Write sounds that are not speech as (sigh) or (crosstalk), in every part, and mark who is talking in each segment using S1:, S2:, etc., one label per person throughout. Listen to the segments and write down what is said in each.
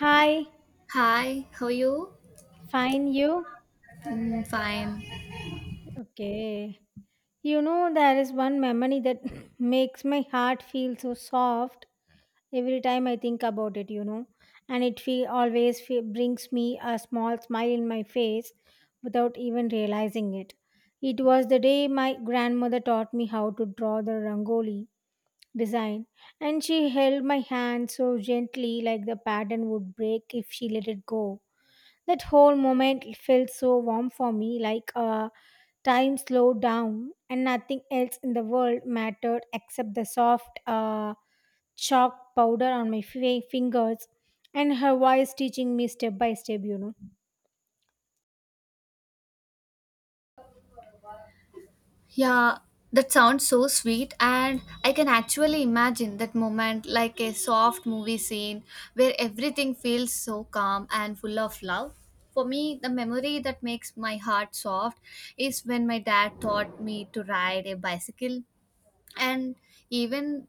S1: Hi,
S2: Hi, how are you?
S1: fine you?
S2: Mm, fine.
S1: Okay. You know, there is one memory that (laughs) (clears throat) makes my heart feel so soft every time I think about it, you know. And it always feel, brings me a small smile in my face without even realizing it. It was the day my grandmother taught me how to draw the rangoli design, and she held my hand so gently, like the pattern would break if she let it go. That whole moment felt so warm for me, like time slowed down and nothing else in the world mattered except the soft chalk powder on my fingers and her voice teaching me step by step, you know.
S2: Yeah, that sounds so sweet, and I can actually imagine that moment like a soft movie scene where everything feels so calm and full of love. For me, the memory that makes my heart soft is when my dad taught me to ride a bicycle, and even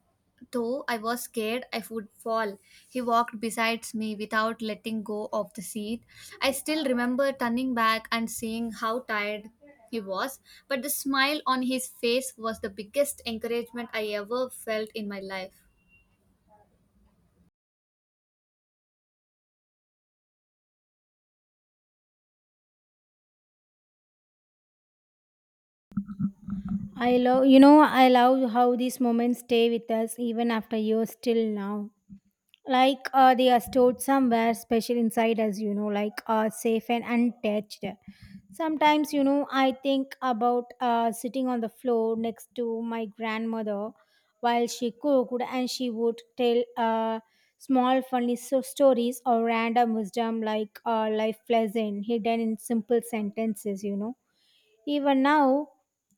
S2: though I was scared I would fall, he walked besides me without letting go of the seat. I still remember turning back and seeing how tired he was, but the smile on his face was the biggest encouragement I ever felt in my life.
S1: I love, you know, I love how these moments stay with us even after years till now. Like they are stored somewhere special inside us, you know, like safe and untouched. Sometimes, you know, I think about sitting on the floor next to my grandmother while she cooked, and she would tell small funny stories or random wisdom like life lesson hidden in simple sentences, you know. Even now,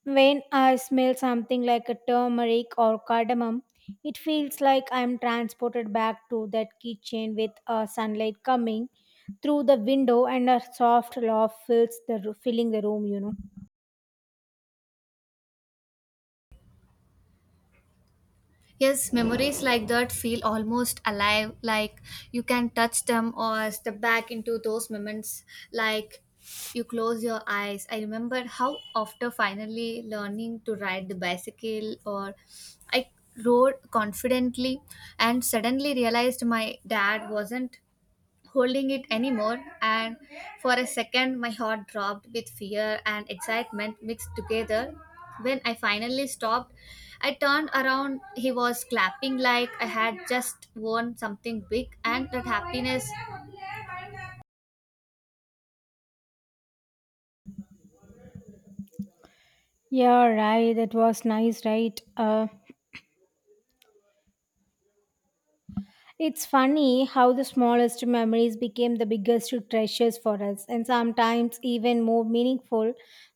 S1: when I smell something like a turmeric or cardamom, it feels like I'm transported back to that kitchen with sunlight coming through the window and a soft laugh filling the room. You know.
S2: Yes, memories like that feel almost alive, like you can touch them or step back into those moments, like you close your eyes. I remember how, after finally learning to ride the bicycle, or I rode confidently and suddenly realized my dad wasn't holding it anymore, and for a second, my heart dropped with fear and excitement mixed together. When I finally stopped, I turned around. He was clapping like I had just won something big, and that happiness.
S1: Yeah, right. That was nice, right? It's funny how the smallest memories became the biggest treasures for us, and sometimes even more meaningful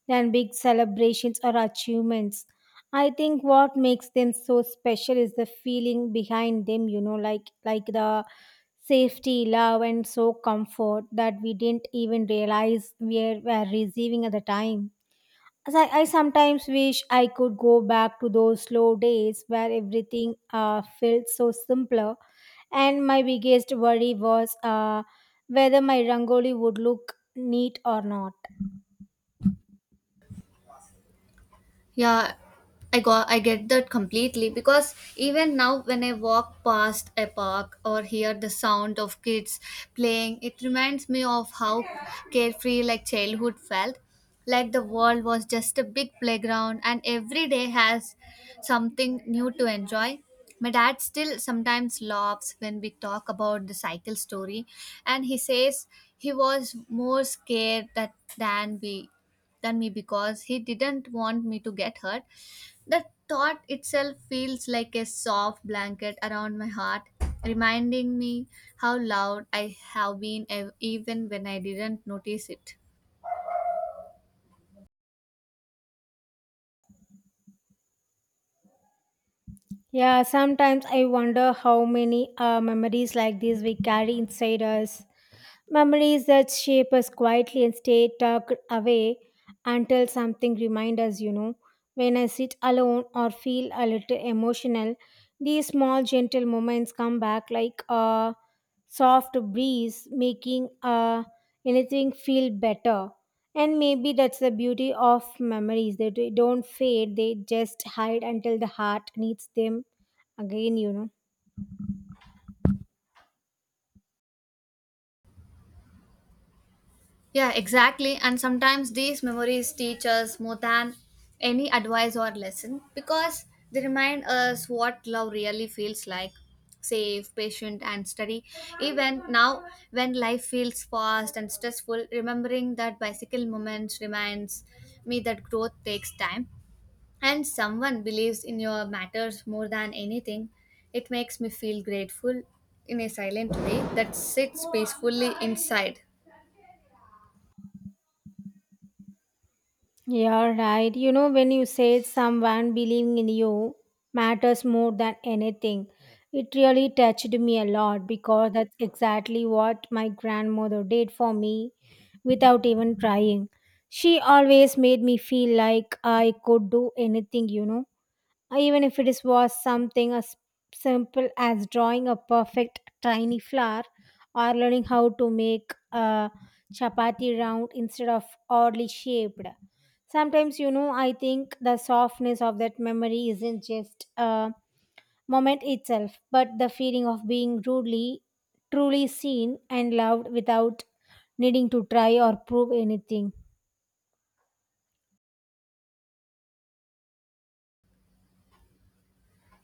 S1: than big celebrations or achievements. I think what makes them so special is the feeling behind them, you know, like the safety, love, and so comfort that we didn't even realize we were receiving at the time. As I sometimes wish I could go back to those slow days where everything felt so simpler. And my biggest worry was whether my rangoli would look neat or not.
S2: Yeah, I get that completely because even now when I walk past a park or hear the sound of kids playing, it reminds me of how carefree like childhood felt. Like the world was just a big playground and every day has something new to enjoy. My dad still sometimes laughs when we talk about the cycle story, and he says he was more scared that than we than me because he didn't want me to get hurt. The thought itself feels like a soft blanket around my heart, reminding me how loud I have been even when I didn't notice it.
S1: Yeah, sometimes I wonder how many memories like this we carry inside us. Memories that shape us quietly and stay tucked away until something reminds us, you know. When I sit alone or feel a little emotional, these small gentle moments come back like a soft breeze, making anything feel better. And maybe that's the beauty of memories. They don't fade, they just hide until the heart needs them again, you know.
S2: Yeah, exactly. And sometimes these memories teach us more than any advice or lesson because they remind us what love really feels like: safe, patient, and steady. Even now, when life feels fast and stressful, remembering that bicycle moments reminds me that growth takes time, and someone believes in your matters more than anything. It makes me feel grateful in a silent way that sits peacefully inside.
S1: Yeah, right. You know, when you say someone believing in you matters more than anything, it really touched me a lot because that's exactly what my grandmother did for me without even trying. She always made me feel like I could do anything, you know, even if it is was something as simple as drawing a perfect tiny flower or learning how to make a chapati round instead of oddly shaped. Sometimes, you know, I think the softness of that memory isn't just a moment itself but the feeling of being truly, truly seen and loved without needing to try or prove anything.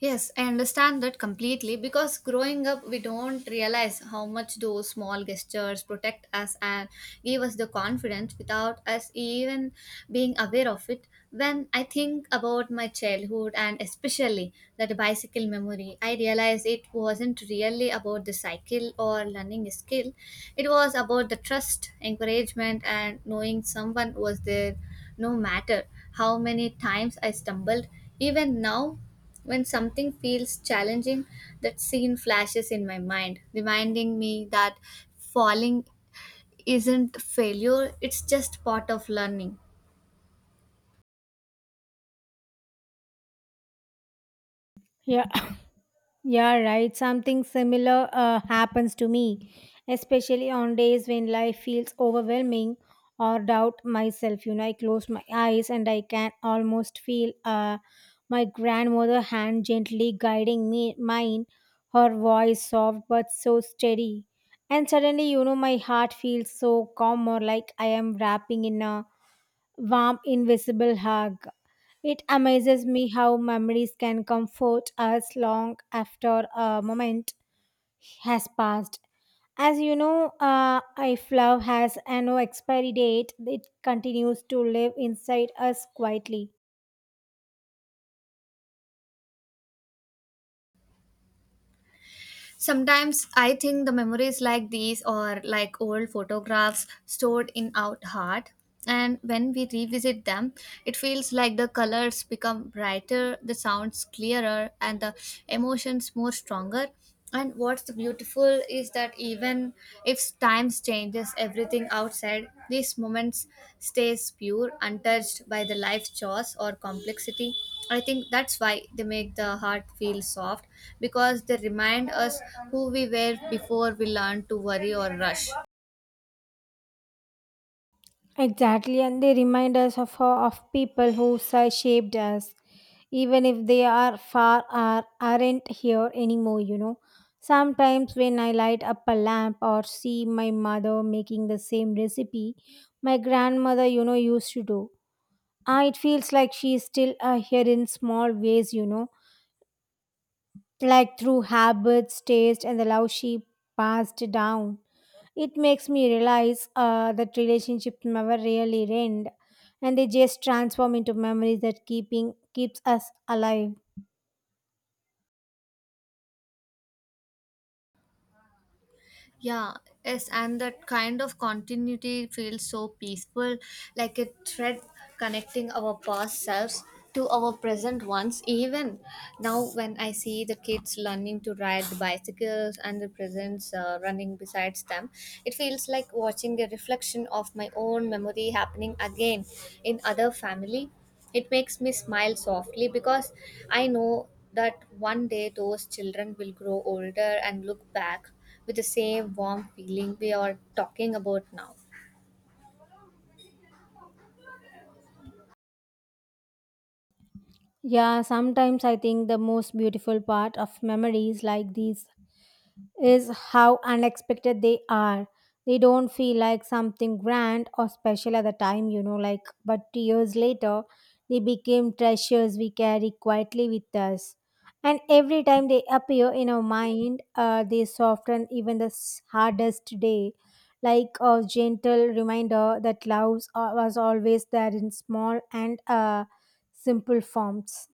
S2: Yes, I understand that completely because growing up, we don't realize how much those small gestures protect us and give us the confidence without us even being aware of it. When I think about my childhood and especially that bicycle memory, I realize it wasn't really about the cycle or learning a skill, it was about the trust, encouragement, and knowing someone was there no matter how many times I stumbled. Even now, when something feels challenging, that scene flashes in my mind, reminding me that falling isn't failure, it's just part of learning.
S1: Yeah. Yeah, right. Something similar happens to me, especially on days when life feels overwhelming or doubt myself. You know, I close my eyes and I can almost feel my grandmother hand gently guiding me, mine, her voice soft but so steady. And suddenly, you know, my heart feels so calm or like I am wrapping in a warm, invisible hug. It amazes me how memories can comfort us long after a moment has passed. As you know, if love has a no expiry date, it continues to live inside us quietly.
S2: Sometimes I think the memories like these are like old photographs stored in our heart. And when we revisit them, it feels like the colors become brighter, the sounds clearer, and the emotions more stronger. And what's beautiful is that even if times changes everything outside, these moments stays pure, untouched by the life chores or complexity. I think that's why they make the heart feel soft, because they remind us who we were before we learned to worry or rush.
S1: Exactly, and they remind us of people who shaped us, even if they are far or aren't here anymore, you know. Sometimes when I light up a lamp or see my mother making the same recipe my grandmother, you know, used to do, ah, it feels like she's still here in small ways, you know, like through habits, taste, and the love she passed down. It makes me realize that relationships never really end, and they just transform into memories that keeping keeps us alive.
S2: Yeah, yes, and that kind of continuity feels so peaceful, like a thread connecting our past selves to our present ones. Even now, when I see the kids learning to ride the bicycles and the presents running beside them, it feels like watching a reflection of my own memory happening again in other family. It makes me smile softly because I know that one day those children will grow older and look back with the same warm feeling we are talking about now.
S1: Yeah, sometimes I think the most beautiful part of memories like these is how unexpected they are. They don't feel like something grand or special at the time, you know, like, but years later, they became treasures we carry quietly with us. And every time they appear in our mind, they soften even the hardest day, like a gentle reminder that love was always there in small and simple forms.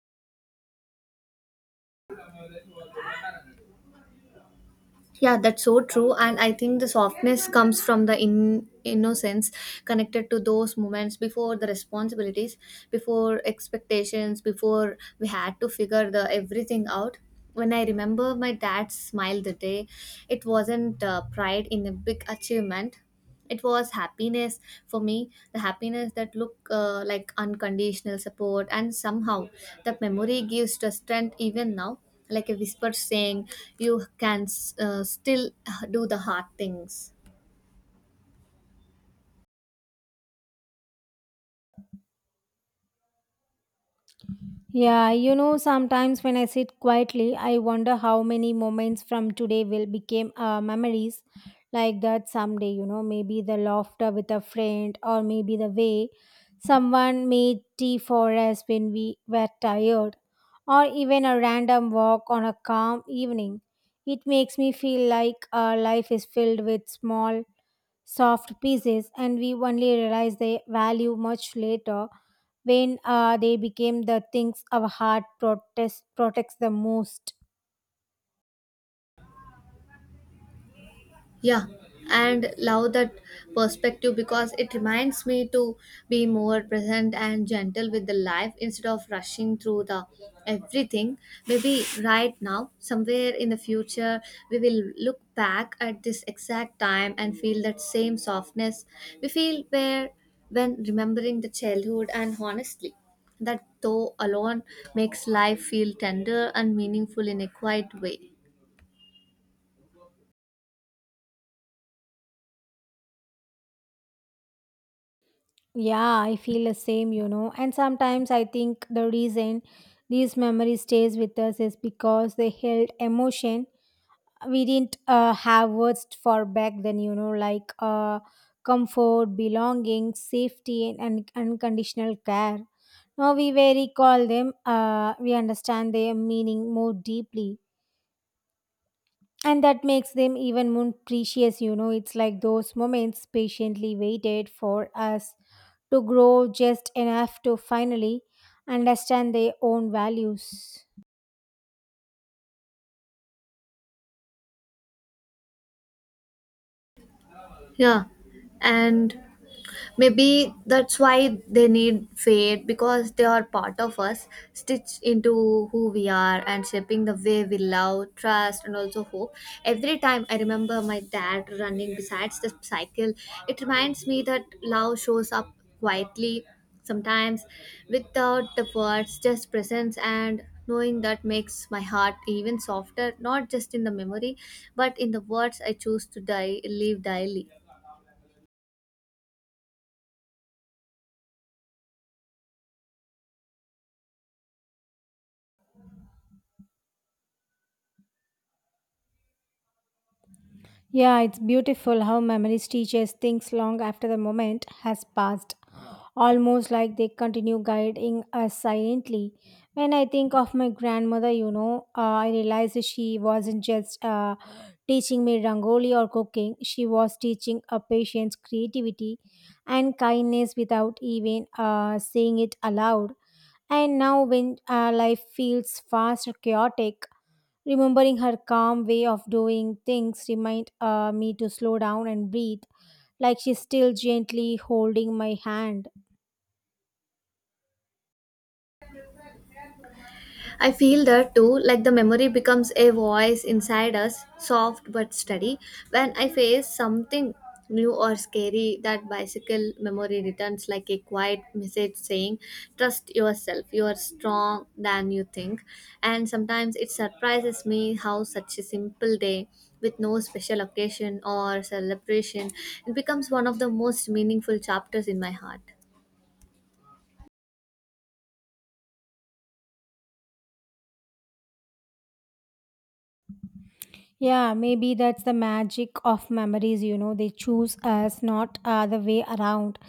S2: Yeah, that's so true. And I think the softness comes from the innocence connected to those moments, before the responsibilities, before expectations, before we had to figure the everything out. When I remember my dad's smile the day, it wasn't pride in a big achievement. It was happiness for me, the happiness that look like unconditional support, and somehow that memory gives the strength even now, like a whisper saying you can still do the hard things.
S1: Yeah, you know, sometimes when I sit quietly, I wonder how many moments from today will become memories like that someday, you know, maybe the laughter with a friend or maybe the way someone made tea for us when we were tired or even a random walk on a calm evening. It makes me feel like our life is filled with small soft pieces and we only realize their value much later when they became the things our heart protects the most.
S2: Yeah, and love that perspective because it reminds me to be more present and gentle with the life instead of rushing through the everything. Maybe right now, somewhere in the future, we will look back at this exact time and feel that same softness we feel where when remembering the childhood, and honestly, that though alone makes life feel tender and meaningful in a quiet way.
S1: Yeah, I feel the same, you know. And sometimes I think the reason these memory stays with us is because they held emotion we didn't have words for back then, you know, like comfort belonging safety and unconditional care. Now we very call them, we understand their meaning more deeply, and that makes them even more precious, you know. It's like those moments patiently waited for us to grow just enough to finally understand their own values.
S2: Yeah, and maybe that's why they need fate, because they are part of us, stitched into who we are and shaping the way we love, trust, and also hope. Every time I remember my dad running besides the cycle, it reminds me that love shows up quietly, sometimes without the words, just presence. And knowing that makes my heart even softer, not just in the memory but in the words I choose to die live daily.
S1: Yeah, it's beautiful how memories teach us things long after the moment has passed, almost like they continue guiding us silently. When I think of my grandmother, you know, I realize that she wasn't just teaching me rangoli or cooking, she was teaching a patient's creativity and kindness without even saying it aloud. And now, when life feels fast or chaotic, remembering her calm way of doing things remind me to slow down and breathe, like she's still gently holding my hand.
S2: I feel that too, like the memory becomes a voice inside us, soft but steady. When I face something new or scary, that bicycle memory returns like a quiet message saying, "Trust yourself, you are strong than you think." And sometimes it surprises me how such a simple day with no special occasion or celebration it becomes one of the most meaningful chapters in my heart.
S1: Yeah, maybe that's the magic of memories, you know, they choose us, not the way around.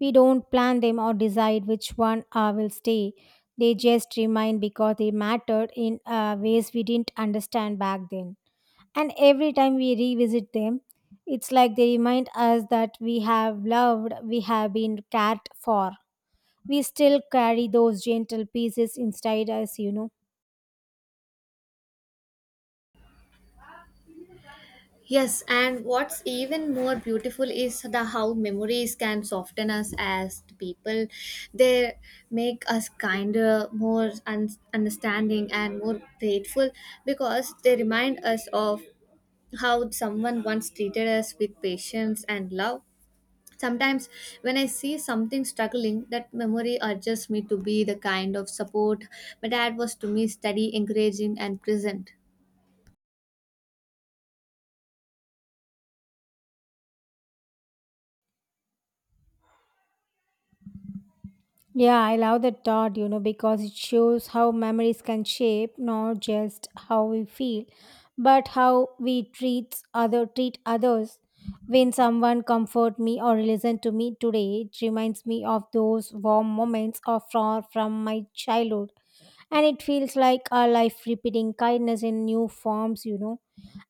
S1: We don't plan them or decide which one will stay. They just remain because they mattered in ways we didn't understand back then. And every time we revisit them, it's like they remind us that we have loved, we have been cared for. We still carry those gentle pieces inside us, you know.
S2: Yes, and what's even more beautiful is the how memories can soften us as the people. They make us kinder, more understanding, and more grateful, because they remind us of how someone once treated us with patience and love. Sometimes, when I see something struggling, that memory urges me to be the kind of support my dad was to me: steady, encouraging, and present.
S1: Yeah, I love that thought, you know, because it shows how memories can shape not just how we feel, but how we treat others. When someone comfort me or listen to me today, it reminds me of those warm moments of far from my childhood. And it feels like our life repeating kindness in new forms, you know.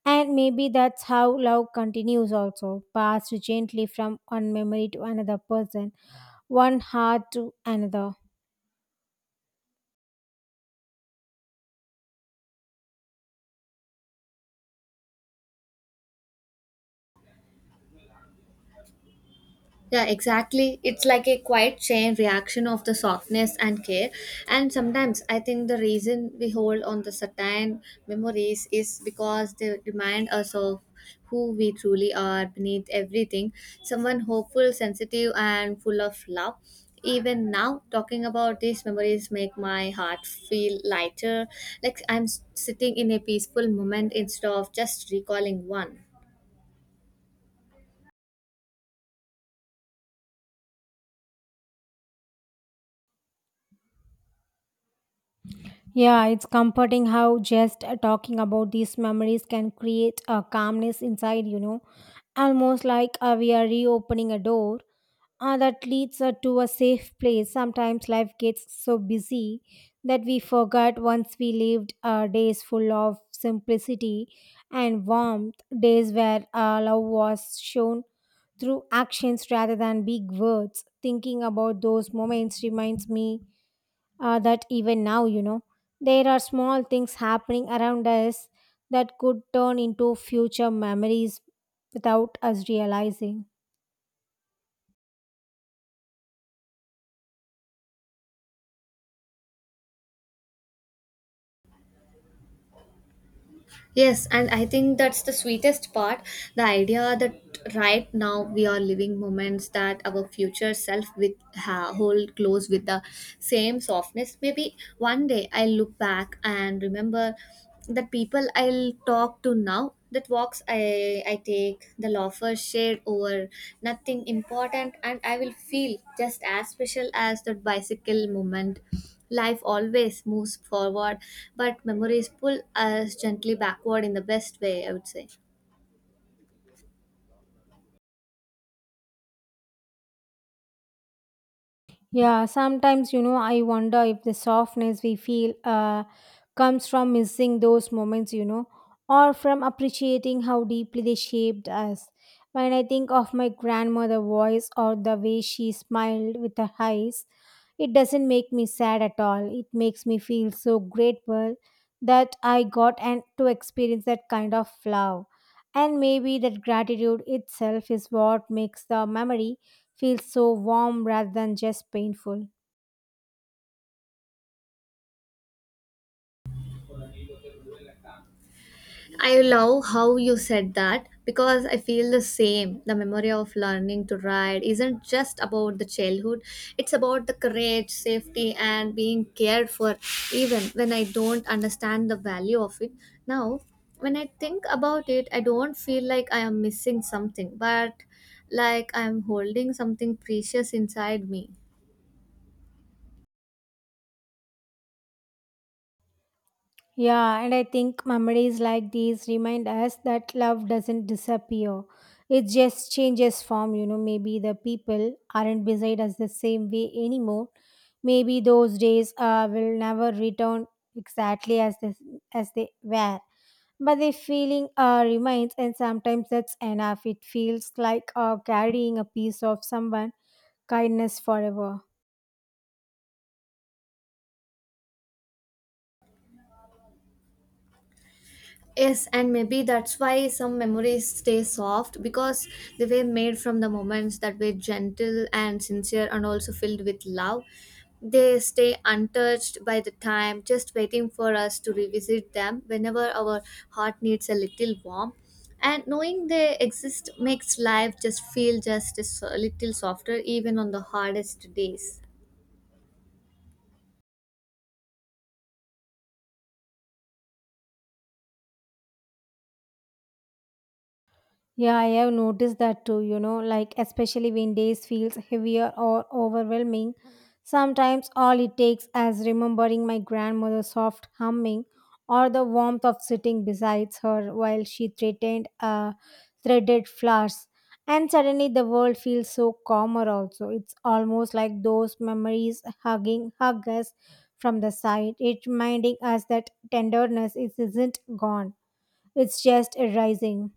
S1: And maybe that's how love continues also, passed gently from one memory to another person, one heart to another.
S2: Yeah, exactly. It's like a quiet chain reaction of the softness and care. And sometimes I think the reason we hold on the certain memories is because they remind us of who we truly are beneath everything. Someone hopeful, sensitive, and full of love. Even now, talking about these memories make my heart feel lighter, like I'm sitting in a peaceful moment instead of just recalling one.
S1: Yeah, it's comforting how just talking about these memories can create a calmness inside, you know, almost like we are reopening a door that leads to a safe place. Sometimes life gets so busy that we forget once we lived days full of simplicity and warmth, days where love was shown through actions rather than big words. Thinking about those moments reminds me that even now, you know, there are small things happening around us that could turn into future memories without us realizing.
S2: Yes, and I think that's the sweetest part. The idea that right now we are living moments that our future self will hold close with the same softness. Maybe one day I'll look back and remember that people I'll talk to now, that walks I take, the loafers shared over nothing important, and I will feel just as special as that bicycle moment. Life always moves forward, but memories pull us gently backward in the best way, I would say.
S1: Yeah, sometimes, you know, I wonder if the softness we feel comes from missing those moments, you know, or from appreciating how deeply they shaped us. When I think of my grandmother's voice or the way she smiled with her eyes, it doesn't make me sad at all. It makes me feel so grateful that I got and to experience that kind of love. And maybe that gratitude itself is what makes the memory feels so warm rather than just painful.
S2: I love how you said that because I feel the same. The memory of learning to ride isn't just about the childhood, it's about the courage, safety, and being cared for, even when I don't understand the value of it. Now, when I think about it, I don't feel like I am missing something, but like I am holding something precious inside me.
S1: Yeah, and I think memories like these remind us that love doesn't disappear. It just changes form, you know. Maybe the people aren't beside us the same way anymore. Maybe those days will never return exactly as this, as they were. But the feeling remains, and sometimes that's enough. It feels like carrying a piece of someone kindness forever.
S2: Yes, and maybe that's why some memories stay soft, because they were made from the moments that were gentle and sincere and also filled with love. They stay untouched by the time, just waiting for us to revisit them whenever our heart needs a little warmth. And knowing they exist makes life just feel just a little softer, even on the hardest days.
S1: Yeah, I have noticed that too, you know, like especially when days feels heavier or overwhelming. Sometimes all it takes is remembering my grandmother's soft humming or the warmth of sitting beside her while she threatened threaded flowers. And suddenly the world feels so calmer also. It's almost like those memories hug us from the side. It reminding us that isn't gone. It's just arising.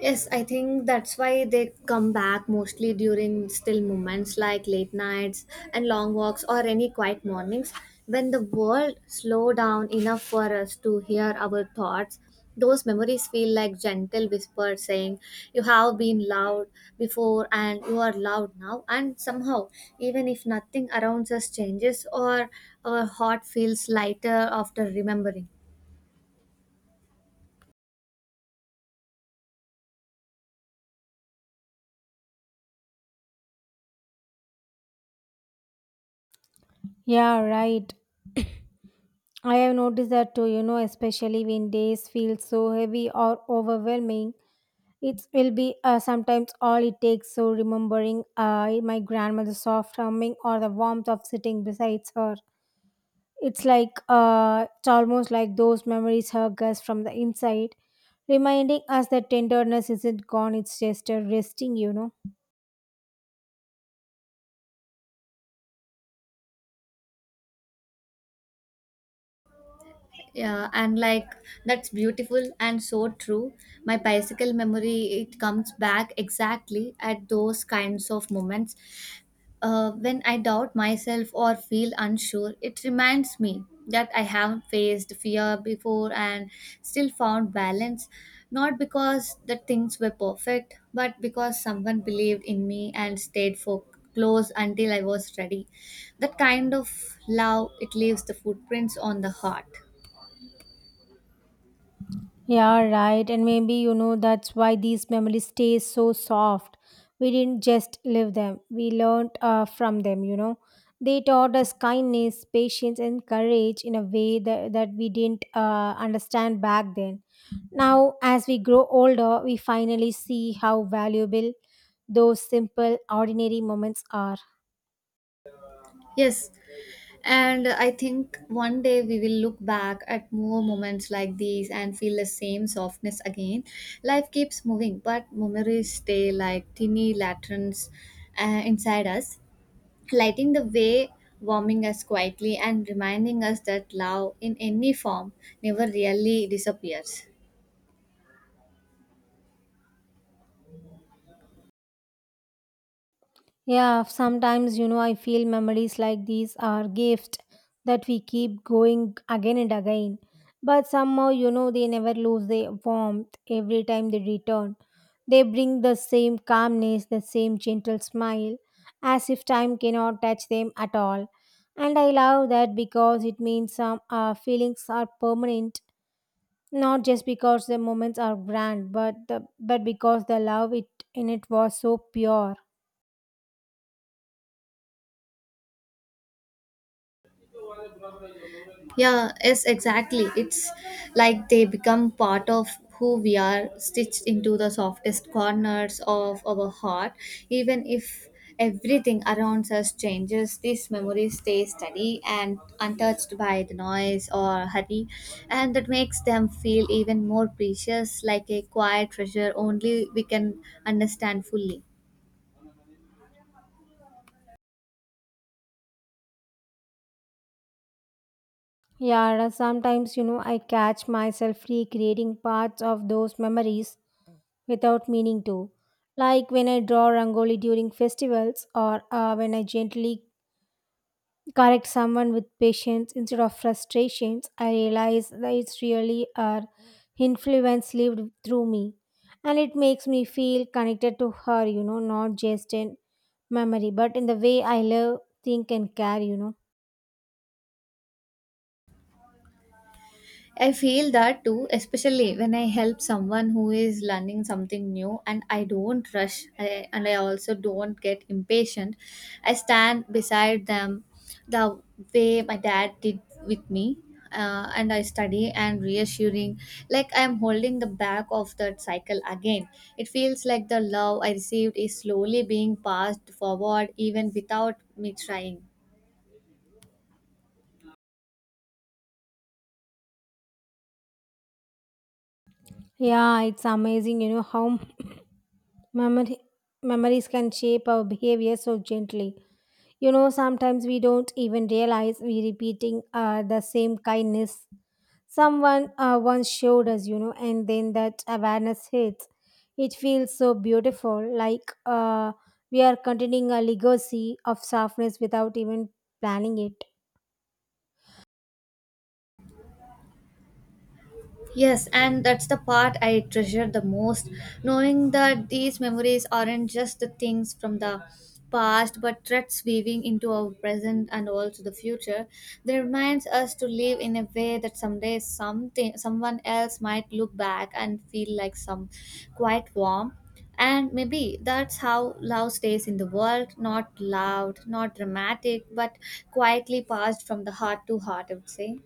S2: Yes, I think that's why they come back mostly during still moments like late nights and long walks or any quiet mornings, when the world slow down enough for us to hear our thoughts. Those memories feel like gentle whispers saying, "You have been loud before and you are loud now." And somehow, even if nothing around us changes, or our heart feels lighter after remembering.
S1: Yeah, right. I have noticed that too, you know, especially when days feel so heavy or overwhelming. It will be sometimes all it takes. So, remembering my grandmother's soft humming or the warmth of sitting beside her. It's like, it's almost like those memories hug us from the inside, reminding us that tenderness isn't gone, it's just a resting, you know.
S2: Yeah, and like that's beautiful and so true. My bicycle memory it comes back exactly at those kinds of moments. When I doubt myself or feel unsure, it reminds me that I haven't faced fear before and still found balance. Not because the things were perfect, but because someone believed in me and stayed for close until I was ready. That kind of love it leaves the footprints on the heart.
S1: Yeah, right. And maybe, you know, that's why these memories stay so soft. We didn't just live them, we learned from them, you know. They taught us kindness, patience, and courage in a way that we didn't understand back then. Now, as we grow older, we finally see how valuable those simple, ordinary moments are.
S2: Yes, and I think one day we will look back at more moments like these and feel the same softness again. Life keeps moving, but memories stay like tiny lanterns inside us, lighting the way, warming us quietly, and reminding us that love, in any form, never really disappears.
S1: Yeah, sometimes, you know, I feel memories like these are gifts that we keep going again and again. But somehow, you know, they never lose their warmth every time they return. They bring the same calmness, the same gentle smile, as if time cannot touch them at all. And I love that because it means some feelings are permanent, not just because the moments are grand, but because the love it in it was so pure.
S2: Yeah, yes, exactly. It's like they become part of who we are, stitched into the softest corners of our heart. Even if everything around us changes, these memories stay steady and untouched by the noise or hurry, and that makes them feel even more precious, like a quiet treasure only we can understand fully.
S1: Yeah, sometimes, you know, I catch myself recreating parts of those memories without meaning to. Like when I draw rangoli during festivals or when I gently correct someone with patience instead of frustrations, I realize that it's really our influence lived through me. And it makes me feel connected to her, you know, not just in memory, but in the way I live, think, and care, you know.
S2: I feel that too, especially when I help someone who is learning something new, and I don't rush and I also don't get impatient. I stand beside them the way my dad did with me. And I study and reassuring, like I'm holding the back of that cycle again. It feels like the love I received is slowly being passed forward, even without me trying.
S1: Yeah, it's amazing, you know, how Memory, memories can shape our behavior so gently. You know, sometimes we don't even realize we're repeating the same kindness someone once showed us, you know, and then that awareness hits. It feels so beautiful, like we are continuing a legacy of softness without even planning it.
S2: Yes, and that's the part I treasure the most, knowing that these memories aren't just the things from the past but threads weaving into our present and also the future. They reminds us to live in a way that someday something someone else might look back and feel like some quite warm. And maybe that's how love stays in the world, not loud, not dramatic, but quietly passed from the heart to heart, I would say.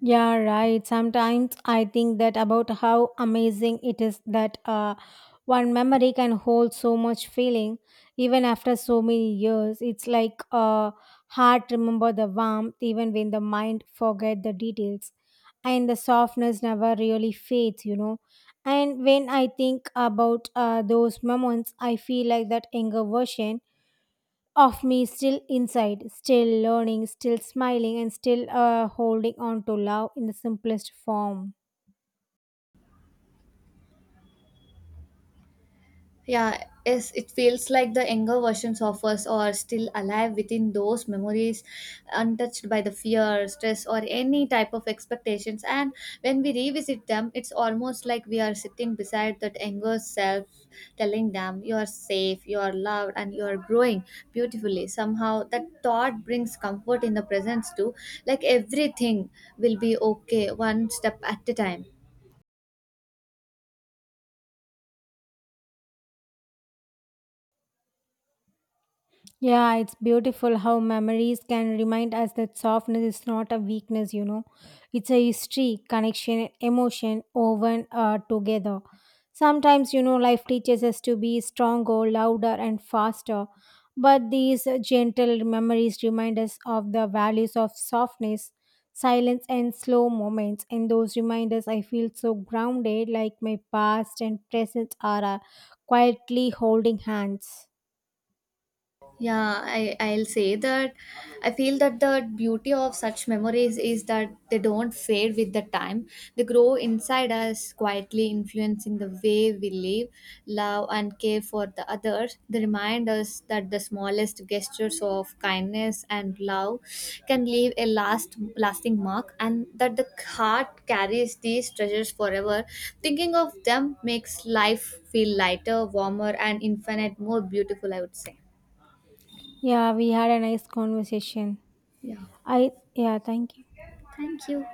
S1: Yeah, right. Sometimes I think that about how amazing it is that one memory can hold so much feeling even after so many years. It's like heart remember the warmth even when the mind forget the details, and the softness never really fades, you know. And when I think about those moments, I feel like that younger version of me still inside, still learning, still smiling, and still holding on to love in the simplest form.
S2: Yeah, yes, it feels like the younger versions of us are still alive within those memories, untouched by the fear, stress, or any type of expectations. And when we revisit them, it's almost like we are sitting beside that younger self, telling them, "You are safe, you are loved, and you are growing beautifully." Somehow, that thought brings comfort in the presence, too. Like everything will be okay, one step at a time.
S1: Yeah, it's beautiful how memories can remind us that softness is not a weakness, you know. It's a history, connection, emotion woven together. Sometimes, you know, life teaches us to be stronger, louder, and faster. But these gentle memories remind us of the values of softness, silence, and slow moments. In those reminders, I feel so grounded, like my past and present are quietly holding hands.
S2: Yeah, I'll say that I feel that the beauty of such memories is that they don't fade with the time. They grow inside us, quietly influencing the way we live, love, and care for the others. They remind us that the smallest gestures of kindness and love can leave a lasting mark, and that the heart carries these treasures forever. Thinking of them makes life feel lighter, warmer, and infinite more beautiful, I would say.
S1: Yeah, we had a nice conversation.
S2: Yeah.
S1: I yeah, thank you.
S2: Thank you.